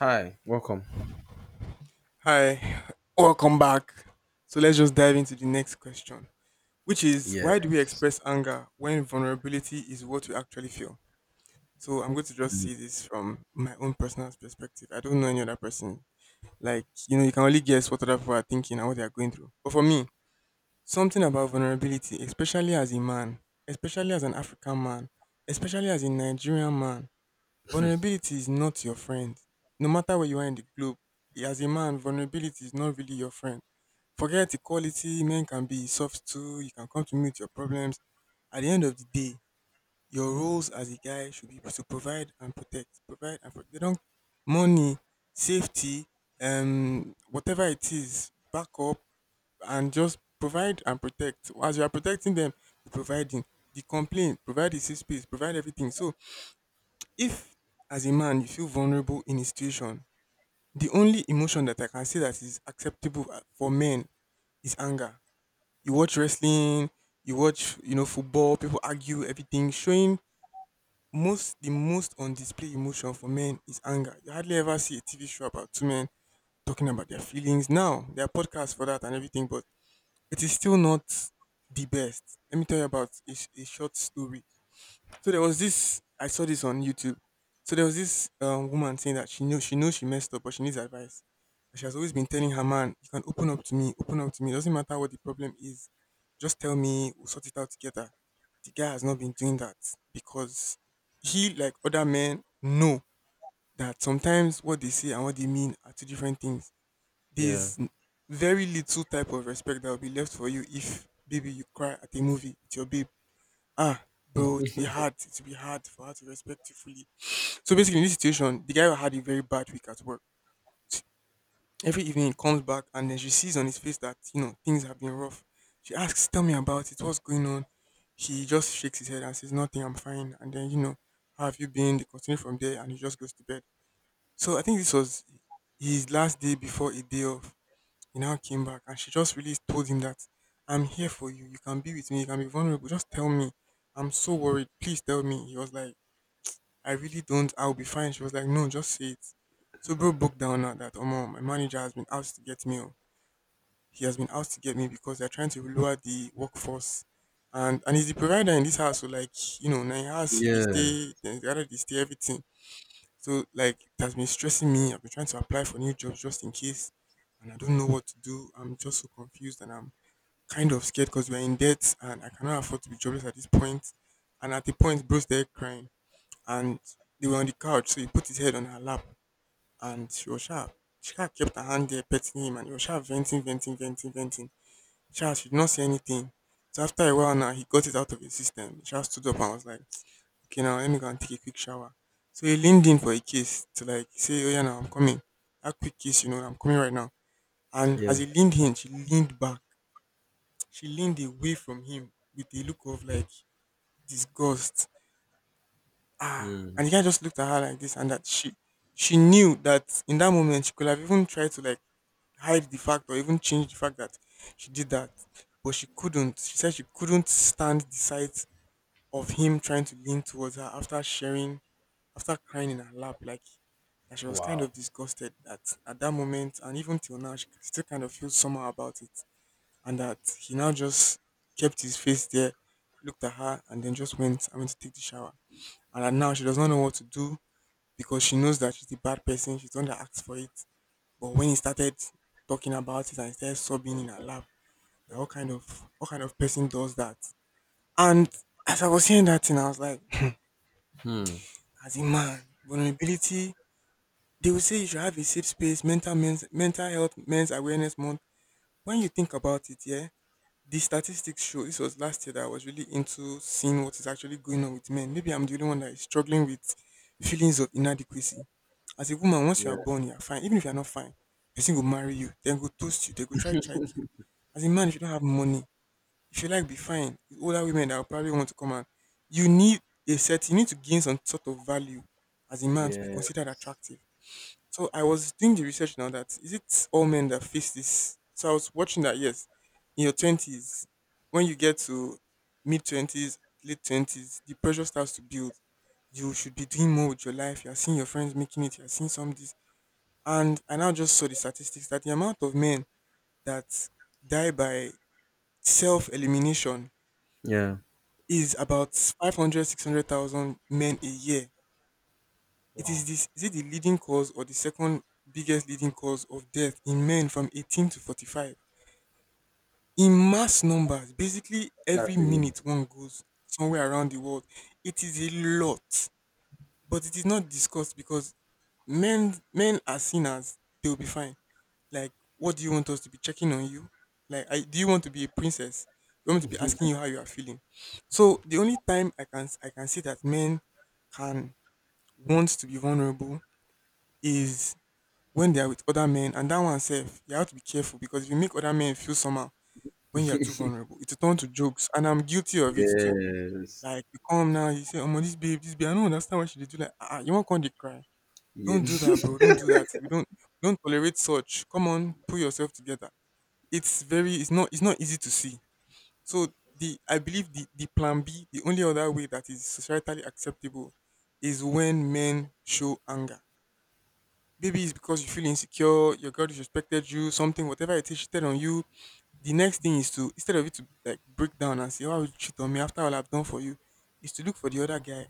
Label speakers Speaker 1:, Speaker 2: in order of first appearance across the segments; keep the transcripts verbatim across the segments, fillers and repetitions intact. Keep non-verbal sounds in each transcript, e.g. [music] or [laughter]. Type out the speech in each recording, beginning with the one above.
Speaker 1: Hi, welcome.
Speaker 2: Hi, welcome back. So let's just dive into the next question, which is
Speaker 1: Yes.
Speaker 2: why do we express anger when vulnerability is what we actually feel? So I'm going to just
Speaker 1: Mm.
Speaker 2: see this from my own personal perspective. I don't know any other person. Like, you know, you can only guess what other people are thinking and what they are going through. But for me, something about vulnerability, especially as a man, especially as an African man, especially as a Nigerian man, vulnerability is not your friend. No matter where you are in the globe, as a man, vulnerability is not really your friend. Forget equality, men can be soft too, you can come to me with your problems. At the end of the day, your roles as a guy should be to provide and protect. Provide and protect. They don't money, safety, um, whatever it is, back up and just provide and protect. As you are protecting them, be providing. The complaint, provide the safe space, provide everything. So if as a man you feel vulnerable in a situation, the only emotion that I can say that is acceptable uh, for men is anger. You watch wrestling, you watch, you know, football, people argue, everything showing most the most on display emotion for men is anger. You hardly ever see a T V show about two men talking about their feelings. Now there are podcasts for that and everything, but it is still not the best. Let me tell you about a, sh- a short story. So there was this, I saw this on YouTube. So there was this um, woman saying that she knew she knows she messed up, but she needs advice. She has always been telling her man, "You can open up to me, open up to me. Doesn't matter what the problem is, just tell me. We'll sort it out together." The guy has not been doing that because he, like other men, know that sometimes what they say and what they mean are two different things.
Speaker 1: Yeah.
Speaker 2: There's n- Very little type of respect that will be left for you if, baby, you cry at a movie with your babe. Ah, bro, it'll be hard. It'll be hard for her to respect you fully. So basically, in this situation, the guy had a very bad week at work. Every evening, he comes back and then she sees on his face that, you know, things have been rough. She asks, "Tell me about it. What's going on?" He just shakes his head and says, "Nothing. I'm fine." And then, you know, how have you been? They continue from there, and he just goes to bed. So I think this was his last day before a day off. He now came back, and she just really told him that, "I'm here for you. You can be with me. You can be vulnerable. Just tell me. I'm so worried. Please tell me." He was like, I really don't. I'll be fine. She was like, no, just say it. So bro broke down now that, oh, my manager has been out to get me. Oh. He has been out to get me because they're trying to lower the workforce. And and he's the provider in this house. So like, you know, now he has, he they
Speaker 1: Yeah.
Speaker 2: stay, then the other they stay, everything. So like, it has been stressing me. I've been trying to apply for new jobs just in case. And I don't know what to do. I'm just so confused and I'm kind of scared because we're in debt and I cannot afford to be jobless at this point. And at the point, bro's there crying and they were on the couch, so he put his head on her lap and she was sharp. She kind of kept her hand there petting him and he was sharp venting, venting, venting, venting. Sharp, she did not say anything. So after a while now, he got it out of his system. Sharp stood up and was like, okay, now let me go and take a quick shower. So he leaned in for a kiss to like say, oh yeah, now I'm coming. That quick kiss, you know, I'm coming right now. And
Speaker 1: Yeah.
Speaker 2: as he leaned in, she leaned back. She leaned away from him with a look of like disgust. Ah,
Speaker 1: Hmm.
Speaker 2: and the guy just looked at her like this and that she she knew that in that moment she could have even tried to like hide the fact or even change the fact that she did that, but she couldn't. She said she couldn't stand the sight of him trying to lean towards her after sharing, after crying in her lap, like that she was kind
Speaker 1: Wow.
Speaker 2: of disgusted that at that moment, and even till now she still kind of feels somehow about it. And that he now just kept his face there, looked at her, and then just went, I went to take the shower. And that now she does not know what to do because she knows that she's a bad person. She's the one that asked for it. But when he started talking about it and started sobbing in her lap, that what kind of, what kind of person does that? And as I was hearing that thing, I was like,
Speaker 1: Hmm.
Speaker 2: [tsk] as a man, vulnerability. They will say you should have a safe space, mental men's, mental health, men's awareness month. When you think about it, yeah, the statistics show, this was last year that I was really into seeing what is actually going on with men. Maybe I'm the only one that is struggling with feelings of inadequacy. As a woman, once you are
Speaker 1: Yeah.
Speaker 2: born, you are fine. Even if you are not fine, person will marry you, then go toast you, they go try check you. As a man, if you don't have money, if you like be fine, it's older women that will probably want to come. And you need a set, you need to gain some sort of value as a man to be
Speaker 1: Yeah.
Speaker 2: considered attractive. So I was doing the research now that is it all men that face this? So I was watching that yes, in your twenties, when you get to mid twenties, late twenties, the pressure starts to build. You should be doing more with your life. You're seeing your friends making it. You're seeing some of this, and I now just saw the statistics that the amount of men that die by self elimination
Speaker 1: Yeah.
Speaker 2: is about five hundred, six hundred thousand men a year. It
Speaker 1: Wow.
Speaker 2: is, this is it the leading cause or the second biggest leading cause of death in men from eighteen to forty-five in mass numbers. Basically, every
Speaker 1: That's a
Speaker 2: minute one goes somewhere around the world. It is a lot, but it is not discussed because men men are seen as they will be fine. Like, what do you want us to be checking on you? Like, I, do you want to be a princess? You want me to be asking
Speaker 1: lot.
Speaker 2: you how you are feeling? So the only time I can I can see that men can want to be vulnerable is when they are with other men, and that one self, you have to be careful because if you make other men feel somehow when you are too vulnerable, it will turn to jokes. And I'm guilty of it too.
Speaker 1: Yes.
Speaker 2: Like you come now, you say, oh, this babe, this babe, I don't understand why she did do like ah, ah, you won't come they cry. Don't do that, bro. Don't do that. We don't don't tolerate such. Come on, pull yourself together. It's very, it's not it's not easy to see. So the I believe the, the plan B, the only other way that is societally acceptable is when men show anger. Maybe it's because you feel insecure, your girl disrespected you, something, whatever it is, cheated on you. The next thing is to, instead of you to like break down and say, "Oh, why would you cheat on me after all I've done for you?" is to look for the other guy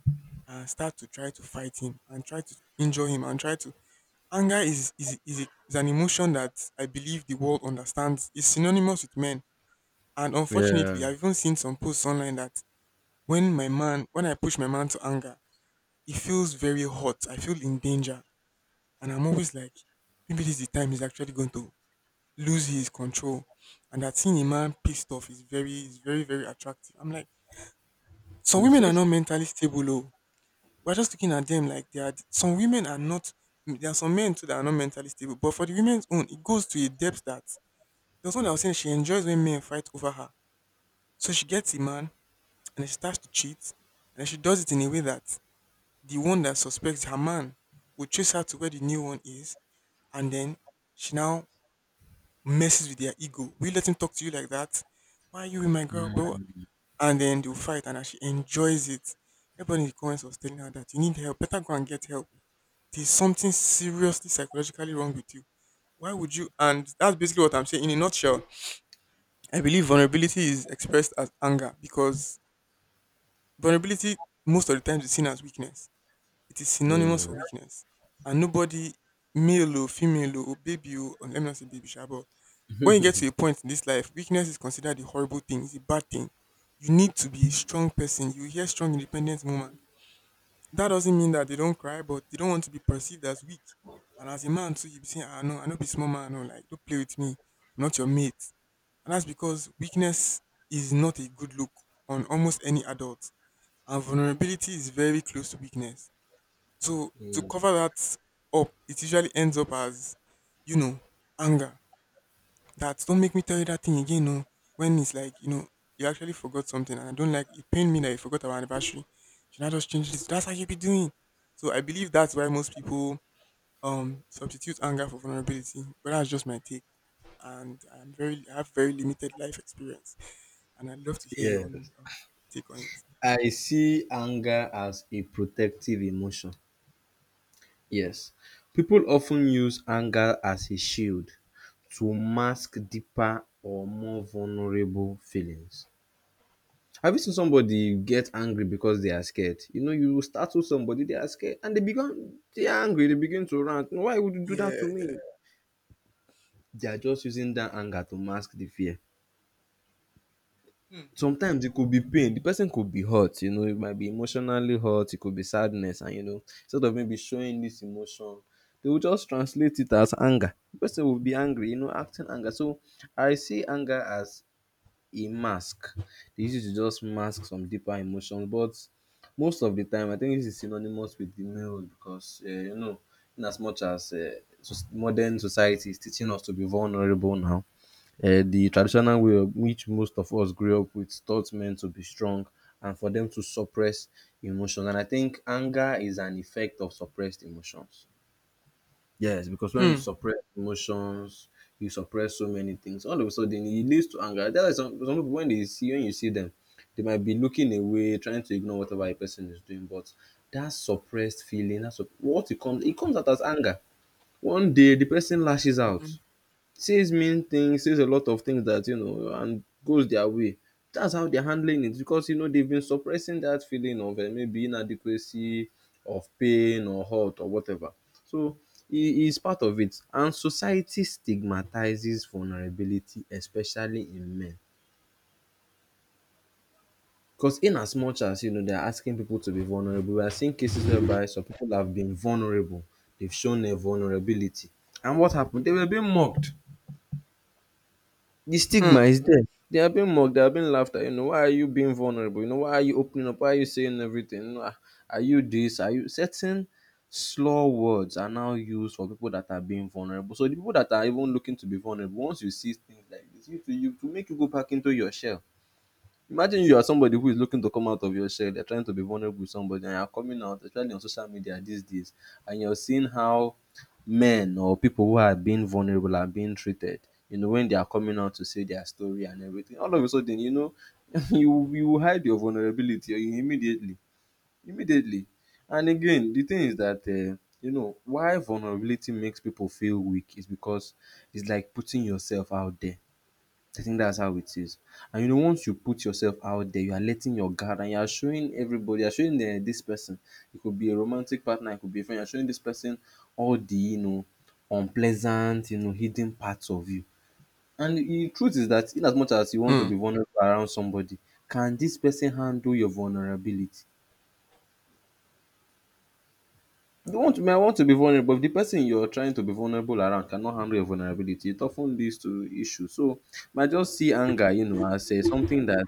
Speaker 2: and start to try to fight him and try to injure him and try to. Anger is is is, a, is an emotion that I believe the world understands. It's synonymous with men, and unfortunately,
Speaker 1: Yeah.
Speaker 2: I've even seen some posts online that when my man, when I push my man to anger, he feels very hot. I feel in danger, and I'm always like, maybe this is the time he's actually going to lose his control. And that seeing a man pissed off is very, is very, very attractive. I'm like, some
Speaker 1: [laughs]
Speaker 2: women
Speaker 1: Yeah.
Speaker 2: are not mentally stable. Oh. We're just looking at them like they are. Some women are not. There are some men too that are not mentally stable. But for the women's own, it goes to a depth that there was one that was saying she enjoys when men fight over her. So she gets a man and then she starts to cheat. And then she does it in a way that the one that suspects her man will chase her to where the new one is. And then she now messes with their ego. We let him talk to you like that. Why are you with my girl, bro? And then they'll fight and as she enjoys it. Everybody in the comments was telling her that you need help, better go and get help. There's something seriously psychologically wrong with you. Why would you? And that's basically what I'm saying. In a nutshell, I believe vulnerability is expressed as anger because vulnerability most of the time is seen as weakness. It is synonymous
Speaker 1: Mm.
Speaker 2: for
Speaker 1: Mm.
Speaker 2: weakness. And nobody, male or female or baby or, let me not say baby, sha, but when you get to a
Speaker 1: [laughs]
Speaker 2: point in this life, weakness is considered a horrible thing, it's a bad thing. You need to be a strong person. You hear strong, independent woman. That doesn't mean that they don't cry, but they don't want to be perceived as weak. And as a man, too, you be saying, ah, no, I know be small man, no, like, don't play with me. I'm not your mate. And that's because weakness is not a good look on almost any adult. And vulnerability is very close to weakness. So to
Speaker 1: Mm.
Speaker 2: cover that up, it usually ends up as, you know, anger. That don't make me tell you that thing again. No, when it's like you know you actually forgot something, and I don't like it. Pained me that you forgot our anniversary. Should I just change this? That's how you be doing. So I believe that's why most people um substitute anger for vulnerability. But that's just my take, and I'm very I have very limited life experience, and I'd love to hear your
Speaker 1: Yeah.
Speaker 2: own um, take on it.
Speaker 1: I see anger as a protective emotion. Yes. People often use anger as a shield to mask deeper or more vulnerable feelings. Have you seen somebody get angry because they are scared? You know, you startle somebody, they are scared, and they become they are angry, they begin to rant. Why would you do that to
Speaker 2: Yeah.
Speaker 1: me?
Speaker 2: Yeah.
Speaker 1: They are just using that anger to mask the fear. Sometimes it could be pain. The person could be hurt, you know, it might be emotionally hurt, it could be sadness, and you know, instead of maybe showing this emotion, they will just translate it as anger. The person will be angry, you know, acting anger. So I see anger as a mask. They use it to just mask some deeper emotions. But most of the time, I think this is synonymous with the male because, uh, you know, in as much as uh, so- modern society is teaching us to be vulnerable now, uh, the traditional way of which most of us grew up with taught men to be strong and for them to suppress emotions. And I think anger is an effect of suppressed emotions. Yes, because when you
Speaker 2: Hmm.
Speaker 1: suppress emotions, you suppress so many things. All of a sudden, it leads to anger. That's why some, some people, when they see when you see them, they might be looking away, trying to ignore whatever a person is doing. But that suppressed feeling, that's what it comes. It comes out as anger. One day, the person lashes out
Speaker 2: Hmm.
Speaker 1: says mean things, says a lot of things that you know, and goes their way. That's how they're handling it because you know they've been suppressing that feeling of uh, maybe inadequacy, of pain or hurt or whatever. So it is part of it, and society stigmatizes vulnerability, especially in men. Because in as much as you know they're asking people to be vulnerable, we are seeing cases whereby some people have been vulnerable, they've shown their vulnerability, and what happened? They were being mocked. The stigma
Speaker 2: Hmm.
Speaker 1: is there. They are being mocked, they are being laughed at. You know, why are you being vulnerable? You know, why are you opening up? Why are you saying everything? You know, "Ah, are you this? Are you certain slur words are now used for people that are being vulnerable? So the people that are even looking to be vulnerable, once you see things like this, you to you to make you go back into your shell. Imagine you are somebody who is looking to come out of your shell, you're trying to be vulnerable with somebody, and you're coming out, especially on social media these days, and you're seeing how men or people who are being vulnerable are being treated. You know, when they are coming out to say their story and everything, all of a sudden, you know, [laughs] you you will hide your vulnerability or you immediately, immediately. And again, the thing is that uh, you know why vulnerability makes people feel weak is because it's like putting yourself out there. I think that's how it is. And you know, once you put yourself out there, you are letting your guard and you are showing everybody, you're showing the, this person. It could be a romantic partner, it could be a friend, you're showing this person all the, you know, unpleasant, you know, hidden parts of you. And the truth is that in as much as you want to
Speaker 2: Hmm.
Speaker 1: be vulnerable around somebody, can this person handle your vulnerability? You want may want to be vulnerable, but if the person you're trying to be vulnerable around cannot handle your vulnerability, it often leads to issues. So might just see anger, you know, as uh, something that.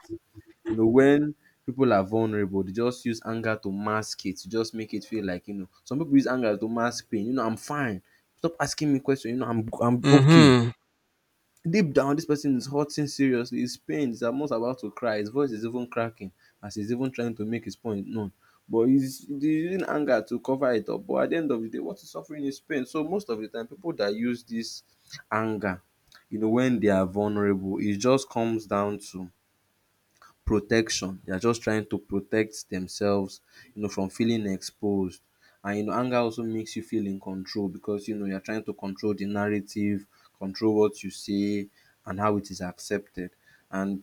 Speaker 1: You know, when people are vulnerable, they just use anger to mask it, to just make it feel like, you know, some people use anger to mask pain. You know, I'm fine. Stop asking me questions. You know, I'm I'm okay.
Speaker 2: Hmm.
Speaker 1: Deep down, this person is hurting seriously. His pain is almost about to cry. His voice is even cracking as he's even trying to make his point known. But he's, he's using anger to cover it up. But at the end of the day, what he's suffering is pain. So most of the time, people that use this anger, you know, when they are vulnerable, it just comes down to protection. They are just trying to protect themselves, you know, from feeling exposed. And you know, anger also makes you feel in control because you know you're trying to control the narrative, control what you say, and how it is accepted. And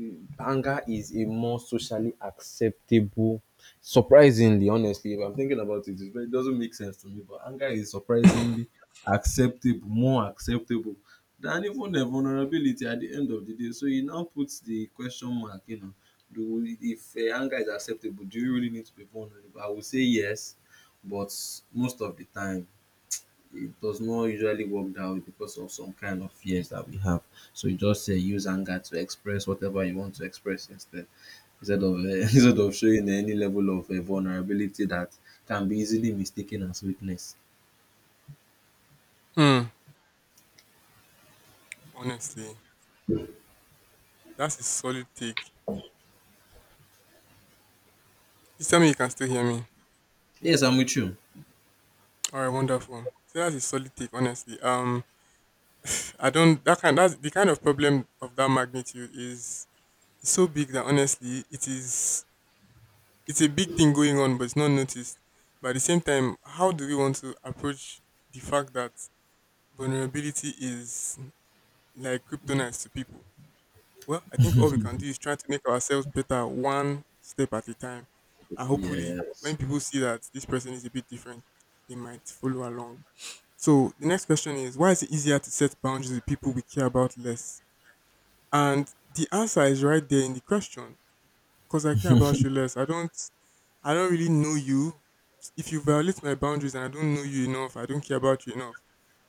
Speaker 1: mm, anger is a more socially acceptable. Surprisingly, honestly, if I'm thinking about it, it's very- it doesn't make sense to me. But anger is surprisingly acceptable, more acceptable and even a vulnerability at the end of the day, so e now puts the question mark. You know, do if um anger is acceptable, do you really need to be vulnerable? I would say yes, but most of the time it does not usually work that way because of some kind of fears that we have. So you just um use anger to express whatever you want to express instead instead of um [laughs] instead of showing any level of um vulnerability that can be easily mistaken as weakness.
Speaker 2: Hmm. Honestly, that's a solid take. Please tell me you can still hear me.
Speaker 1: Yes, I'm with you.
Speaker 2: All right, wonderful. So that's a solid take, honestly. Um, I don't that kind that's the kind of problem of that magnitude is so big that honestly it is it's a big thing going on, but it's not noticed. But at the same time, how do we want to approach the fact that vulnerability is like kryptonite to people? Well, I think all we can do is try to make ourselves better one step at a time, and hopefully,
Speaker 1: Yes.
Speaker 2: when people see that this person is a bit different, they might follow along. So the next question is, why is it easier to set boundaries with people we care about less? And the answer is right there in the question. Because I care about you less. I don't I don't really know you. If you violate my boundaries and I don't know you enough, I don't care about you enough,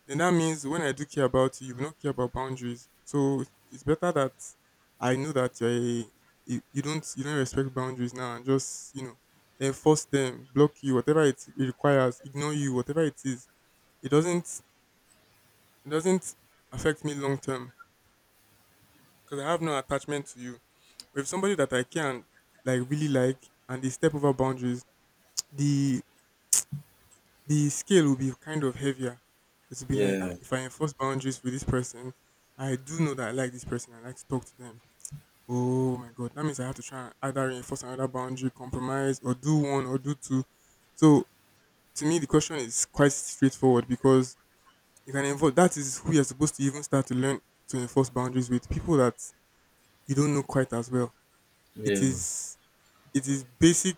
Speaker 2: then that means when I do care about you, you will not care about boundaries. So it's better that I know that you're a, you you don't you don't respect boundaries now and just you know enforce them, block you, whatever it, it requires, ignore you, whatever it is. It doesn't it doesn't affect me long term because I have no attachment to you. But if somebody that I can like really like and they step over boundaries, [tsk] the the scale will be kind of heavier. It will be like, ah,
Speaker 1: Yeah.
Speaker 2: if I enforce boundaries with this person, I do know that I like this person. I like to talk to them. Oh my god, that means I have to try and either reinforce another boundary, compromise, or do one or do two. So to me, the question is quite straightforward because you can enforce. That is who you're supposed to even start to learn to enforce boundaries with people that you don't know quite as well. It
Speaker 1: Yeah.
Speaker 2: is it is basic.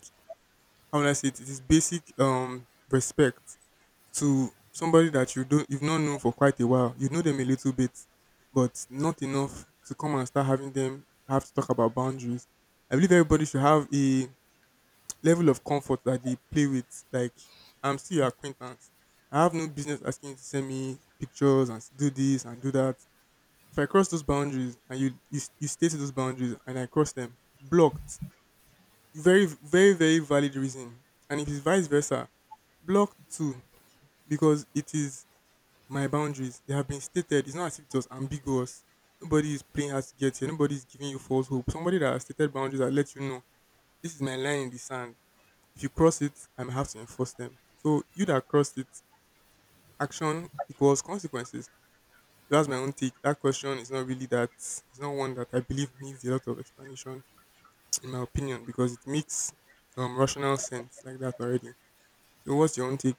Speaker 2: How would I say it? It is basic um respect to somebody that you don't you've not known for quite a while. You know them a little bit, but not enough to come and start having them have to talk about boundaries. I believe everybody should have a level of comfort that they play with. Like I'm still your acquaintance. I have no business asking you to send me pictures and do this and do that. If I cross those boundaries and you you, you stay to those boundaries and I cross them, blocked. Very, very, very valid reason. And it is vice versa. Block two, because it is my boundaries. They have been stated. It's not as if it was ambiguous. Nobody is playing hard to get here. Nobody is giving you false hope. Somebody that has stated boundaries that let you know, this is my line in the sand. If you cross it, I may have to enforce them. So you that crossed it, action equals consequences. That's my own take. That question is not really that. It's not one that I believe needs a lot of explanation, in my opinion, because it makes um, rational sense like that already. So what's your own take?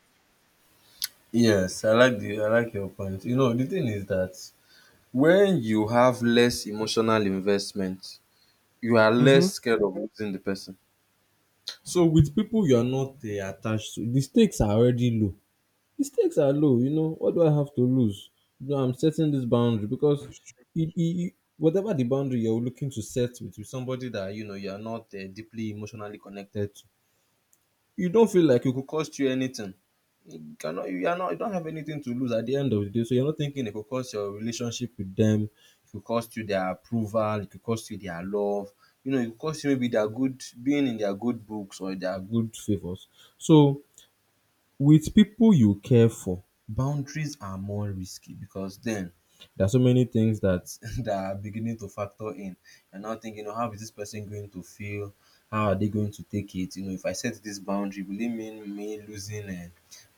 Speaker 1: Yes, I like the I like your point. You know, the thing is that when you have less emotional investment, you are
Speaker 2: Mm-hmm.
Speaker 1: less scared of losing the person. So with people you are not uh, attached to, the stakes are already low. The stakes are low. You know, what do I have to lose? You know, I'm setting this boundary because
Speaker 2: That's
Speaker 1: it, it, it- whatever the boundary you're looking to set with, with somebody that you know you are not uh, deeply emotionally connected to, you don't feel like it could cost you anything. You cannot you are not you don't have anything to lose at the end of the day. So you're not thinking it could cost your relationship with them, it could cost you their approval, it could cost you their love, you know, it could cost you maybe their good being in their good books or their good favors. So with people you care for, boundaries are more risky because then there are so many things that [laughs] that are beginning to factor in. You're now thinking, "You know, how is this person going to feel? How are they going to take it? You know, if I set this boundary, will it mean me losing uh,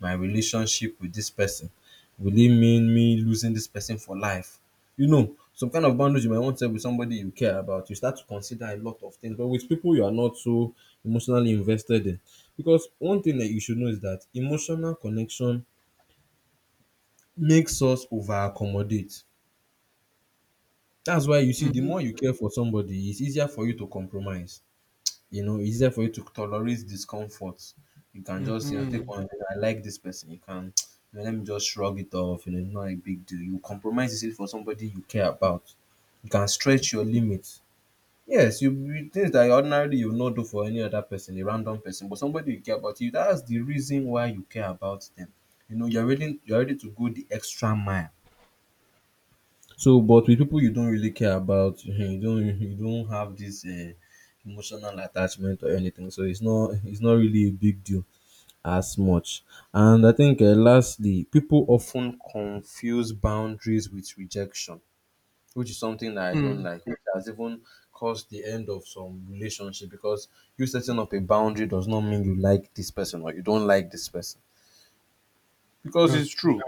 Speaker 1: my relationship with this person? Will it mean me losing this person for life? You know, some kind of boundaries you might want to set with somebody you care about. You start to consider a lot of things, but with people you are not so emotionally invested in, because one thing that you should know is that emotional connection makes us over accommodate. That's why you see,
Speaker 2: true.
Speaker 1: the
Speaker 2: Mm-hmm.
Speaker 1: more you care for somebody, it's easier for you to compromise. You know, it's easier for you to tolerate discomfort. You can just, you know, take
Speaker 2: Mm-hmm.
Speaker 1: one. I like this person. You can, [tsk] you know, let me just shrug it off. You know, not a big deal. You compromise it for somebody you care about. You can stretch your limits. Yes, you you things that ordinarily you not do for any other person, a random person, but somebody you care about, you that's the reason why you care about them. You know, you're ready you're ready to go the extra mile. So but with people you don't really care about, [laughs] you don't you don't have this um emotional attachment or anything. So it's not it's not really a big deal as much. And I think um lastly, people often confuse boundaries with rejection which is something that I don't
Speaker 2: Mm.
Speaker 1: like. It has even caused the end of some relationship because you setting up a boundary does not mean you like this person or you don't like this person. Because
Speaker 2: That's
Speaker 1: it's
Speaker 2: true.
Speaker 1: true.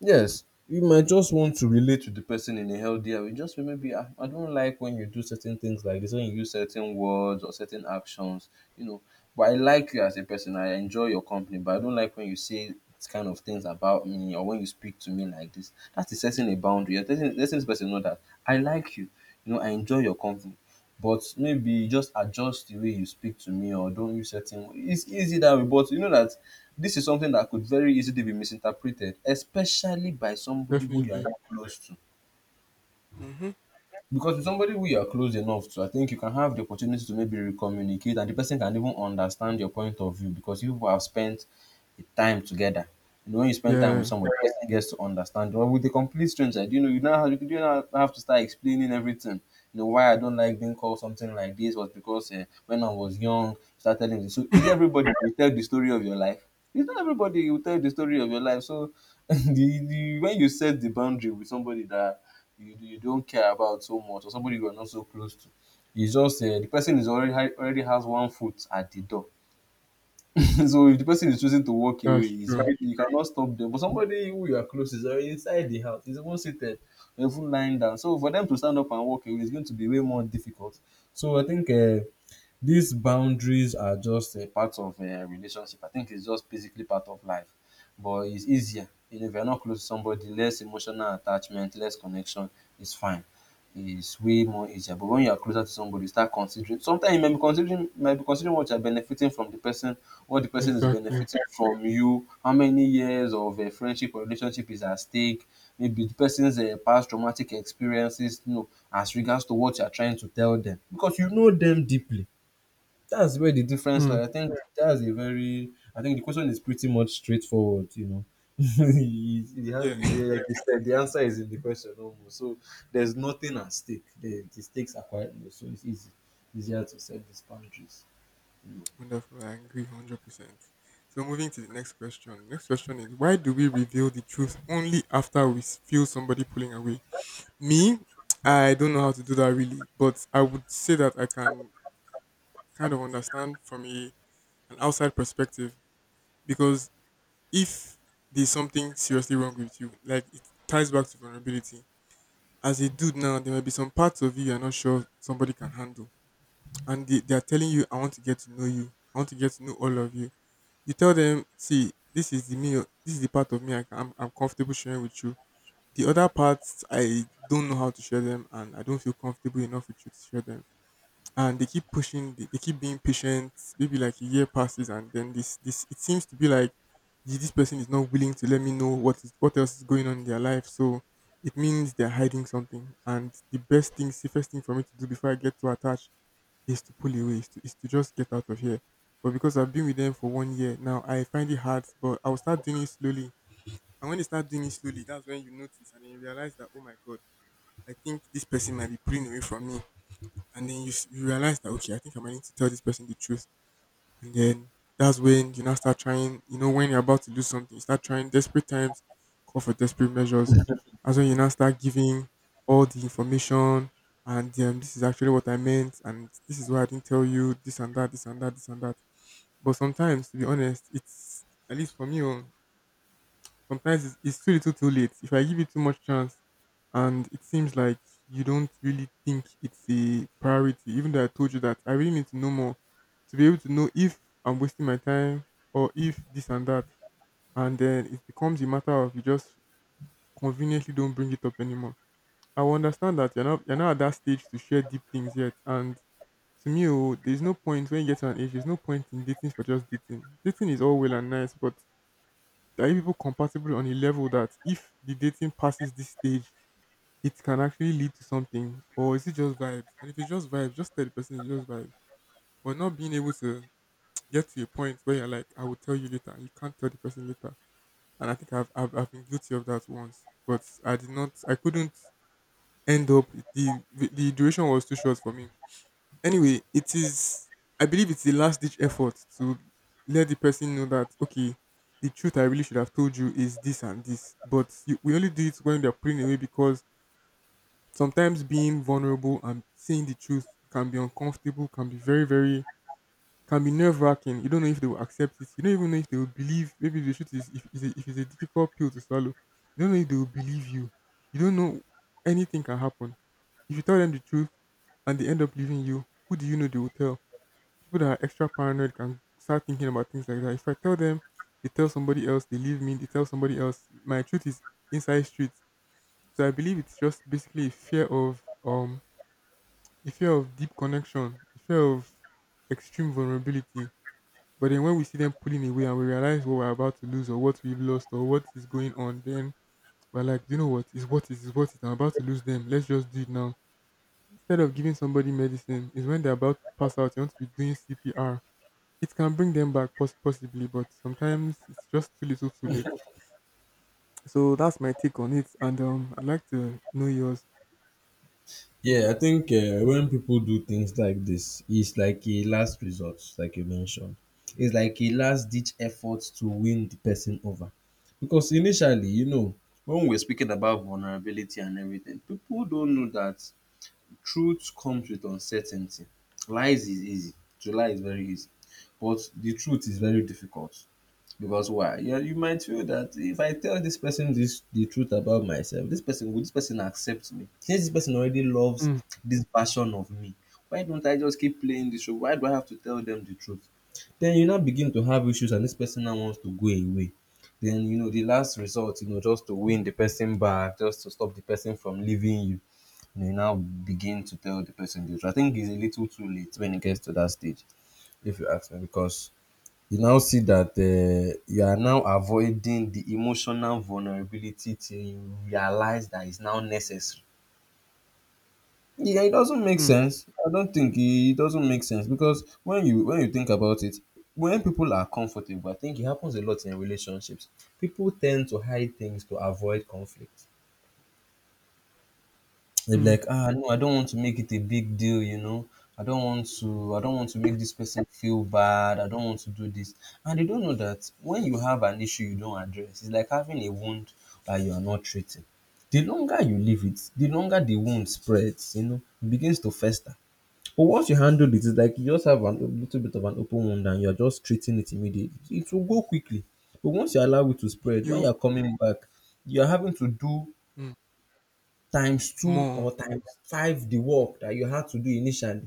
Speaker 1: Yes, you might just want to relate to the person in a healthier way. Just maybe I, I don't like when you do certain things like this, when you use certain words or certain actions, you know. But I like you as a person. I enjoy your company, but I don't like when you say this kind of things about me or when you speak to me like this. That is setting a boundary. You're letting, letting this person know that I like you. You know, I enjoy your company. But maybe just adjust the way you speak to me or don't use certain. It's easy that way, but you know that this is something that could very easily be misinterpreted, especially by somebody who you are
Speaker 2: Definitely.
Speaker 1: not close to
Speaker 2: Mm-hmm.
Speaker 1: because with somebody who you are close enough to, I think you can have the opportunity to maybe recommunicate, and the person can even understand your point of view because you have spent the time together. You know, when you spend time with
Speaker 2: Yeah,
Speaker 1: someone, the person gets to understand. Or with a complete stranger, do you know you now have, you do not have to start explaining everything. You know why I don't like being called something like this was because uh, when I was young, you started telling me. So is it everybody will tell the story of your life? It's not everybody will tell the story of your life. So [laughs] the, the when you set the boundary with somebody that you you don't care about so much or somebody you are not so close to. It's just uh, the person is already ha- already has one foot at the door. [laughs] So if the person is choosing to walk away,
Speaker 2: that's
Speaker 1: it's
Speaker 2: true.
Speaker 1: very, you cannot stop them. But somebody who you are close is already inside the house. He's even seated, even lying down. So for them to stand up and walk away is going to be way more difficult. So I think uh, these boundaries are just a part of a relationship. I think it's just basically part of life, but it's easier. You know, if you're not close to somebody, less emotional attachment, less connection is fine. It's way more easier. But when you are closer to somebody, you start considering. Sometimes you may be considering, you might be considering what you're benefiting from the person, what the person is
Speaker 2: Exactly.
Speaker 1: benefiting from you, how many years of a friendship or relationship is at stake, maybe the person's uh, past traumatic experiences, you know, as regards to what you're trying to tell them, because you know them deeply, that's where the difference
Speaker 2: Mm.
Speaker 1: lies. I think that's a very. I think the question is pretty much straightforward. You know, [laughs] he, he has
Speaker 2: Yeah.
Speaker 1: the yeah,
Speaker 2: [laughs]
Speaker 1: like you said, the answer is in the question almost. So there's nothing at stake. The, the stakes are quite low, so it's easy, easier to set these boundaries.
Speaker 2: [clears throat] Wonderful. I agree one hundred percent. So moving to the next question. Next question is, why do we reveal the truth only after we s- feel somebody pulling away? Me, I don't know how to do that really, but I would say that I can kind of understand from a an outside perspective because if there's something seriously wrong with you, like, it ties back to vulnerability. As a dude now, there might be some parts of you you're not sure somebody can handle. And they, they are telling you, I want to get to know you. I want to get to know all of you. You tell them, see, this is the me, this is the part of me I can, I'm, I'm comfortable sharing with you. The other parts, I don't know how to share them and I don't feel comfortable enough with you to share them, and they keep pushing. They, they keep being patient. Maybe like a year passes, and then this this it seems to be like, "Ye- this person is not willing to let me know what is what else is going on in their life, so it means they're hiding something, and the best thing safest thing for me to do before I get too attached is to pull away, is to, is to just get out of here. But because I've been with them for one year now, I find it hard, but I'll start doing it slowly." And when you start doing it slowly, that's when you notice, and then you realize that, oh my god, I think this person might be pulling away from me. And then you, s- you realize that, okay, I think I might need to tell this person the truth, and then that's when you now start trying. You know, when you're about to lose something, you start trying. Desperate times call for desperate measures. That's when you now start giving all the information, and um, this is actually what I meant, and this is why I didn't tell you this and that, this and that, this and that. But sometimes, to be honest, it's, at least for me, oh, sometimes it's, it's too little, too late. If I give you too much chance, and it seems like you don't really think it's a priority, even though I told you that I really need to know more to be able to know if I'm wasting my time or if this and that, and then it becomes a matter of you just conveniently don't bring it up anymore. I will understand that you're not you're not at that stage to share deep things yet, and to me, oh, there's no point when you get to an age. There's no point in dating for just dating. Dating is all well and nice, but there are you people compatible on a level that if the dating passes this stage, it can actually lead to something? Or is it just vibes? And if it's just vibes, just tell the person it's just vibes. But not being able to [tsk] get to a point where you're like, I will tell you later, you can't tell the person later. And I think I've, I've, I've been guilty of that once. But I did not, I couldn't end up, the, the duration was too short for me. Anyway, it is, I believe it's the last ditch effort to let the person know that, okay, the truth I really should have told you is this and this. But you, we only do it when they're putting away because sometimes being vulnerable and saying the truth can be uncomfortable, can be very, very can be nerve wracking. You don't know if they will accept it. You don't even know if they will believe. Maybe the truth is if, is a, if it's a difficult pill to swallow, you don't know if they will believe you. You don't know. Anything can happen. If you tell them the truth and they end up leaving you, who do you know they will tell? People that are extra paranoid can start thinking about things like that. If I tell them, they tell somebody else, they leave me, they tell somebody else, my truth is inside streets. So I believe it's just basically a fear of um a fear of deep connection, a fear of extreme vulnerability. But then when we see them pulling away and we realize what we're about to lose or what we've lost or what is going on, then we're like, you know what? It's what it is, it's what it is. I'm about to lose them. Let's just do it now. Instead of giving somebody medicine is when they're about to pass out, you want to be doing C P R. It can bring them back poss- possibly, but sometimes it's just too little, too late. So that's my take on it, and um, I'd like to know yours.
Speaker 1: Yeah, I think uh, when people do things like this, it's like a last resort, like you mentioned. It's like a last ditch effort to win the person over. Because initially, you know, when we're speaking about vulnerability and everything, people don't know that truth comes with uncertainty. Lies is easy, to lie is very easy, but the truth is very difficult. Because why? Yeah, you might feel that if I tell this person this the truth about myself, this person will this person accept me? Since this person already loves
Speaker 2: Mm.
Speaker 1: this version of me, why don't I just keep playing this show? Why do I have to tell them the truth? Then you now begin to have issues, and this person now wants to go away. Then you know the last resort, you know, just to win the person back, just to stop the person from leaving you. You, know, you now begin to tell the person the truth. I think it's a little too late when it gets to that stage, if you ask me, because you now see that uh, you are now avoiding the emotional vulnerability till you realize that it's now necessary. Yeah, it doesn't make
Speaker 2: Mm.
Speaker 1: sense. I don't think it doesn't make sense because when you when you think about it, when people are comfortable, I think it happens a lot in relationships. People tend to hide things to avoid conflict. They'll be
Speaker 2: Mm.
Speaker 1: like, ah, no, I don't want to make it a big deal, you know. I don't want to I don't want to make this person feel bad. I don't want to do this. And they don't know that when you have an issue you don't address, it's like having a wound that you are not treating. The longer you leave it, the longer the wound spreads, you know, it begins to fester. But once you handle it, it's like you just have an- a little bit of an open wound and you're just treating it immediately. It will go quickly. But once you allow it to
Speaker 2: If
Speaker 1: spread, when
Speaker 2: you.
Speaker 1: you're coming back, you're having to do
Speaker 2: Mm.
Speaker 1: times two
Speaker 2: More.
Speaker 1: or times five the work that you had to do initially.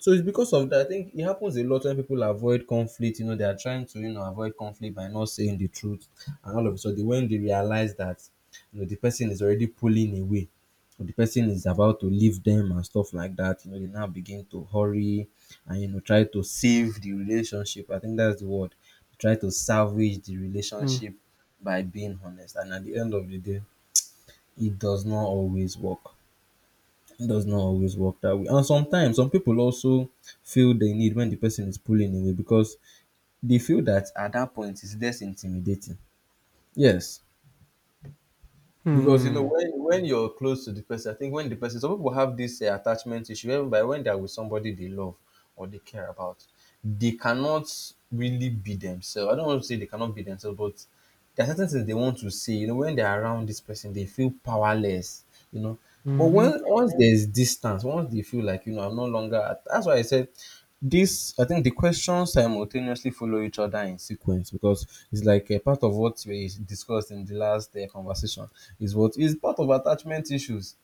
Speaker 1: So it's because of that. I think it happens a lot when people avoid conflict. You know, they are trying to you know avoid conflict by not saying the truth, and all of a sudden, when they realize that you know the person is already pulling away, or the person is about to leave them and stuff like that, you know, they now begin to hurry and you know try to save the relationship. I think that's the word. Try to salvage the
Speaker 2: Mm.
Speaker 1: relationship by being honest, and at the end of the day, it does not always work. It does not always work that way. And sometimes some people also feel they need when the person is pulling away because they feel that at that point it's less intimidating. Yes. Because you know
Speaker 2: Mm.
Speaker 1: when when you're close to the person, I think when the person, some people have this uh, attachment issue whereby when they are with somebody they love or they care about, they cannot really be themselves. I don't want to say they cannot be themselves, but there are certain things they want to say. You know, when they're around this person, they feel powerless. You know, but
Speaker 2: Mm-hmm.
Speaker 1: when once there's distance, once they feel like you know I'm no longer. At, that's why I said this, I think the questions simultaneously follow each other in sequence because it's like a part of what we discussed in the last uh, conversation is what is part of attachment issues.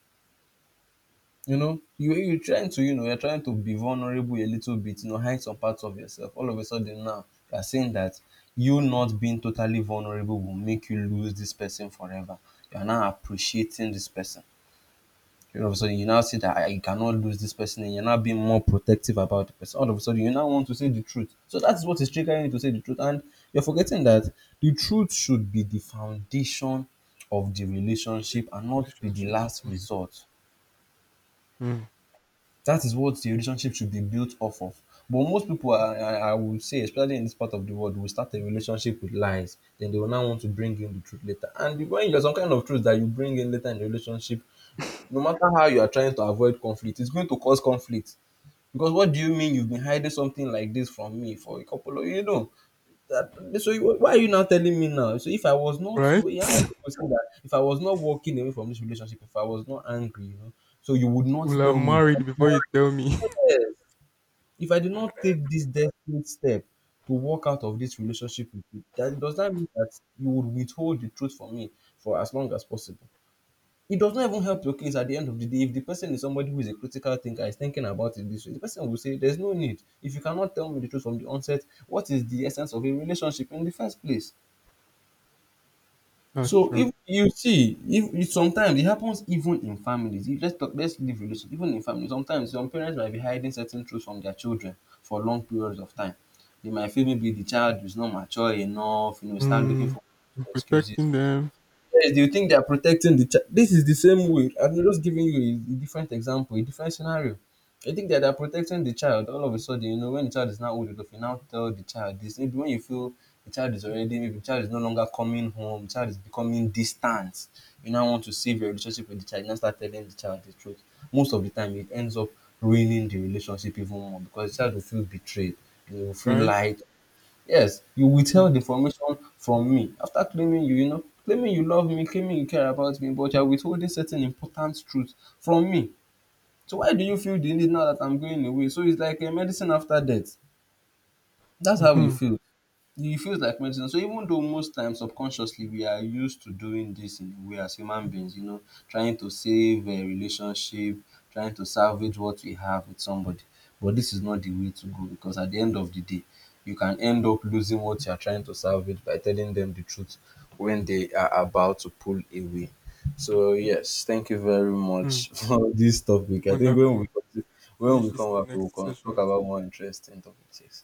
Speaker 1: You know, you you're trying to you know you're trying to be vulnerable a little bit. You know, hide some parts of yourself. All of a sudden now you're saying that you not being totally vulnerable will make you lose this person forever. You're now appreciating this person, all of a sudden you now see that I, you cannot lose this person and you're now being more protective about the person, all of a sudden you now want to say the truth, so that's what is triggering you to say the truth, and you're forgetting that the truth should be the foundation of the
Speaker 2: Of a
Speaker 1: relationship
Speaker 2: good
Speaker 1: and not be the
Speaker 2: relationship.
Speaker 1: last
Speaker 2: Mm.
Speaker 1: resort,
Speaker 2: Mm.
Speaker 1: that is what the relationship should be built off of. But most people, i i, I would say, especially in this part of the world, will start a relationship with lies, then they will now want to bring in the truth later, and when there's some kind of truth that you bring in later in the relationship, no matter how you are trying to avoid conflict, it's going to cause conflict. Because what do you mean you've been hiding something like this from me for a couple of you know that, so you, why are you now telling me now? So if I was not
Speaker 2: Right?
Speaker 1: so yeah, you could say that if I was not walking away from this relationship, if I was not angry, you know, so you would not
Speaker 2: Will have
Speaker 1: tell me
Speaker 2: married
Speaker 1: that.
Speaker 2: before you tell me. [laughs]
Speaker 1: Yes. If I did not take this desperate step to walk out of this relationship with you, that does that mean that you would withhold the truth from me for as long as possible? It does not even help your case at the end of the day. If the person is somebody who is a critical thinker, is thinking about it this way, the person will say, there's no need. If you cannot tell me the truth from the onset, what is the essence of a relationship in the first place?
Speaker 2: That's
Speaker 1: So
Speaker 2: true.
Speaker 1: if you see, if it sometimes it happens even in families. If let's talk, let's leave relationship. Even in families, sometimes some parents might be hiding certain truths from their children for long periods of time. They might feel maybe the child is not mature enough, you know, start looking
Speaker 2: Mm.
Speaker 1: for
Speaker 2: I'm
Speaker 1: excuses.
Speaker 2: protecting them.
Speaker 1: Yes, they will think they are protecting the child. This is the same way. I'm just giving you a, a different example, a different scenario. I think that they are protecting the child. All of a sudden, you know, when the child is now old enough, you now tell the child this. Maybe when you feel the child is already, maybe the child is no longer coming home, the child is becoming distant. You now want to save your relationship with the child. You now start telling the child the truth. Most of the time, it ends up ruining the relationship even more because the child will feel betrayed. They will feel
Speaker 2: Right?
Speaker 1: lied. Yes, you withheld
Speaker 2: Mm.
Speaker 1: information from me after claiming you, you know, claiming you love me, claiming you care about me, but you're withholding certain important truths from me. So why do you feel the need now that I'm going away? So it's like a medicine after death. That's how we
Speaker 2: Mm-hmm.
Speaker 1: feel. It feels like medicine. So even though most times subconsciously we are used to doing this in a way as human beings, you know, trying to save a relationship, trying to salvage what we have with somebody. But this is not the way to go because at the end of the day, you can end up losing what you are trying to salvage by telling them the truth when they are about to pull away. So yes, thank you very
Speaker 2: Mm.
Speaker 1: much [laughs] for this topic.
Speaker 2: [laughs]
Speaker 1: I think when we
Speaker 2: Wonderful.
Speaker 1: when
Speaker 2: Finish
Speaker 1: we
Speaker 2: this in
Speaker 1: come
Speaker 2: the
Speaker 1: back, we will
Speaker 2: next
Speaker 1: con- talk
Speaker 2: session.
Speaker 1: about more interesting topics. Yes.